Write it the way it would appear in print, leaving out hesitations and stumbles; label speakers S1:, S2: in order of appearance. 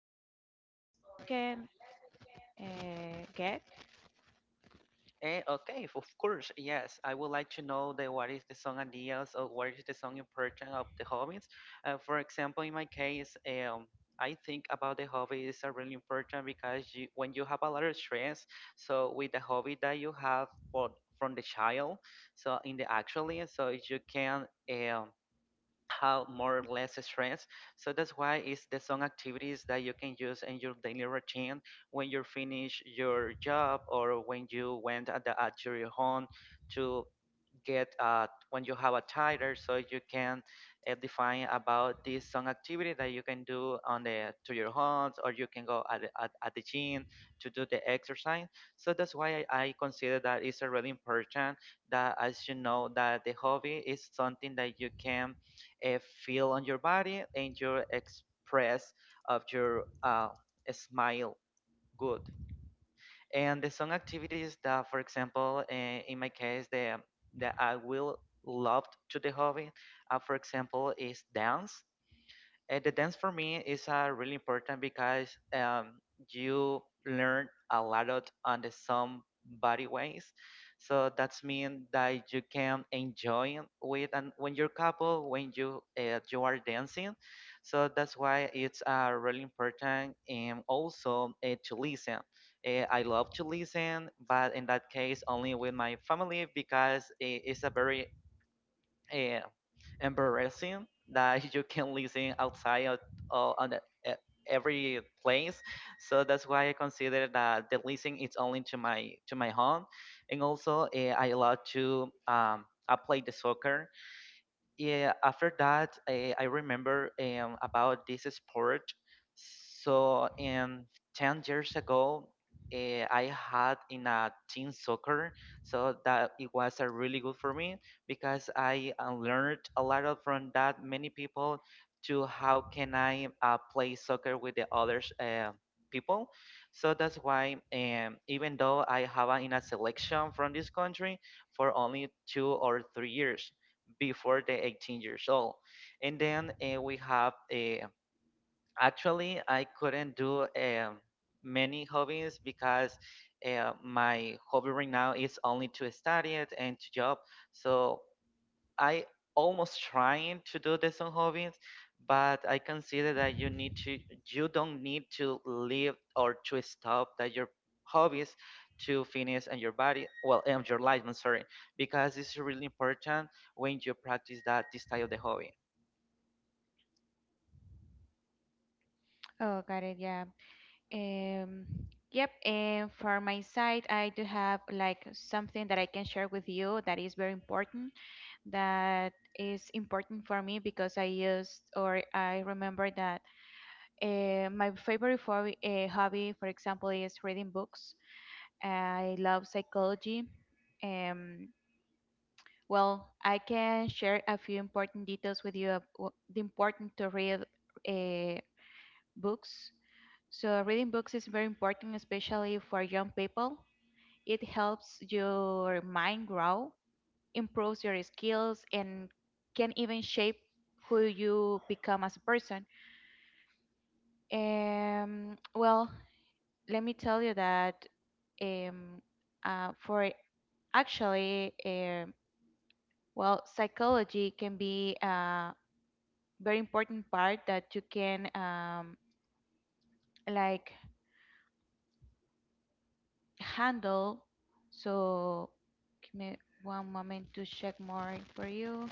S1: or ideas that you can get?
S2: Eh, okay, of course, yes. I would like to know the what is the song ideas or what is the song important of the hobbies. For example, in my case, I think about the hobbies are really important because you, when you have a lot of stress, so with the hobby that you have for from the child, so in the actually, so you can how more or less stress. So that's why it's the some activities that you can use in your daily routine when you finish your job or when you went at, the, at your home to get when you have a title so you can define about this some activity that you can do on the to your homes or you can go at the gym to do the exercise, so that's why I consider that it's a really important that as you know that the hobby is something that you can uh, feel on your body and your express of your smile good, and there's some activities that, for example, eh, in my case, the that I will love to the hobby, for example, is dance. And the dance for me is really important because you learn a lot out on the some body ways. So that's mean that you can enjoy it with, and when you're couple when you you are dancing. So that's why it's really important, and also to listen. I love to listen, but in that case only with my family because it's a very eh, embarrassing that you can listen outside of on the, e- every place. So that's why I consider that the listening is only to my home, and also eh, I love to I play the soccer, yeah, after that I remember about this sport, so 10 years ago I had in a team soccer, so that it was really good for me because I learned a lot of from that many people to how can I play soccer with the others people. So that's why even though I have a, in a selection from this country for only 2 or 3 years before the 18 years old. And then we have actually I couldn't do many hobbies because my hobby right now is only to study it and to job. So I almost trying to do this on hobbies, but I consider that you need to you don't need to leave or to stop that your hobbies to finish and your body well and your life. I'm sorry because it's really important when you practice that this type of the hobby
S1: Oh, got it. Yeah. Um, yep, and for my side, I do have like something that I can share with you that is very important, that is important for me because I used or I remember that my favorite for, hobby, for example, is reading books. I love psychology. Um, well, I can share a few important details with you of the important to read uh, books. So reading books is very important, especially for young people. It helps your mind grow, improves your skills, and can even shape who you become as a person. Well, let me tell you that um, uh, for actually, um, psychology can be a very important part that you can like handle. So give me one moment to check more for you.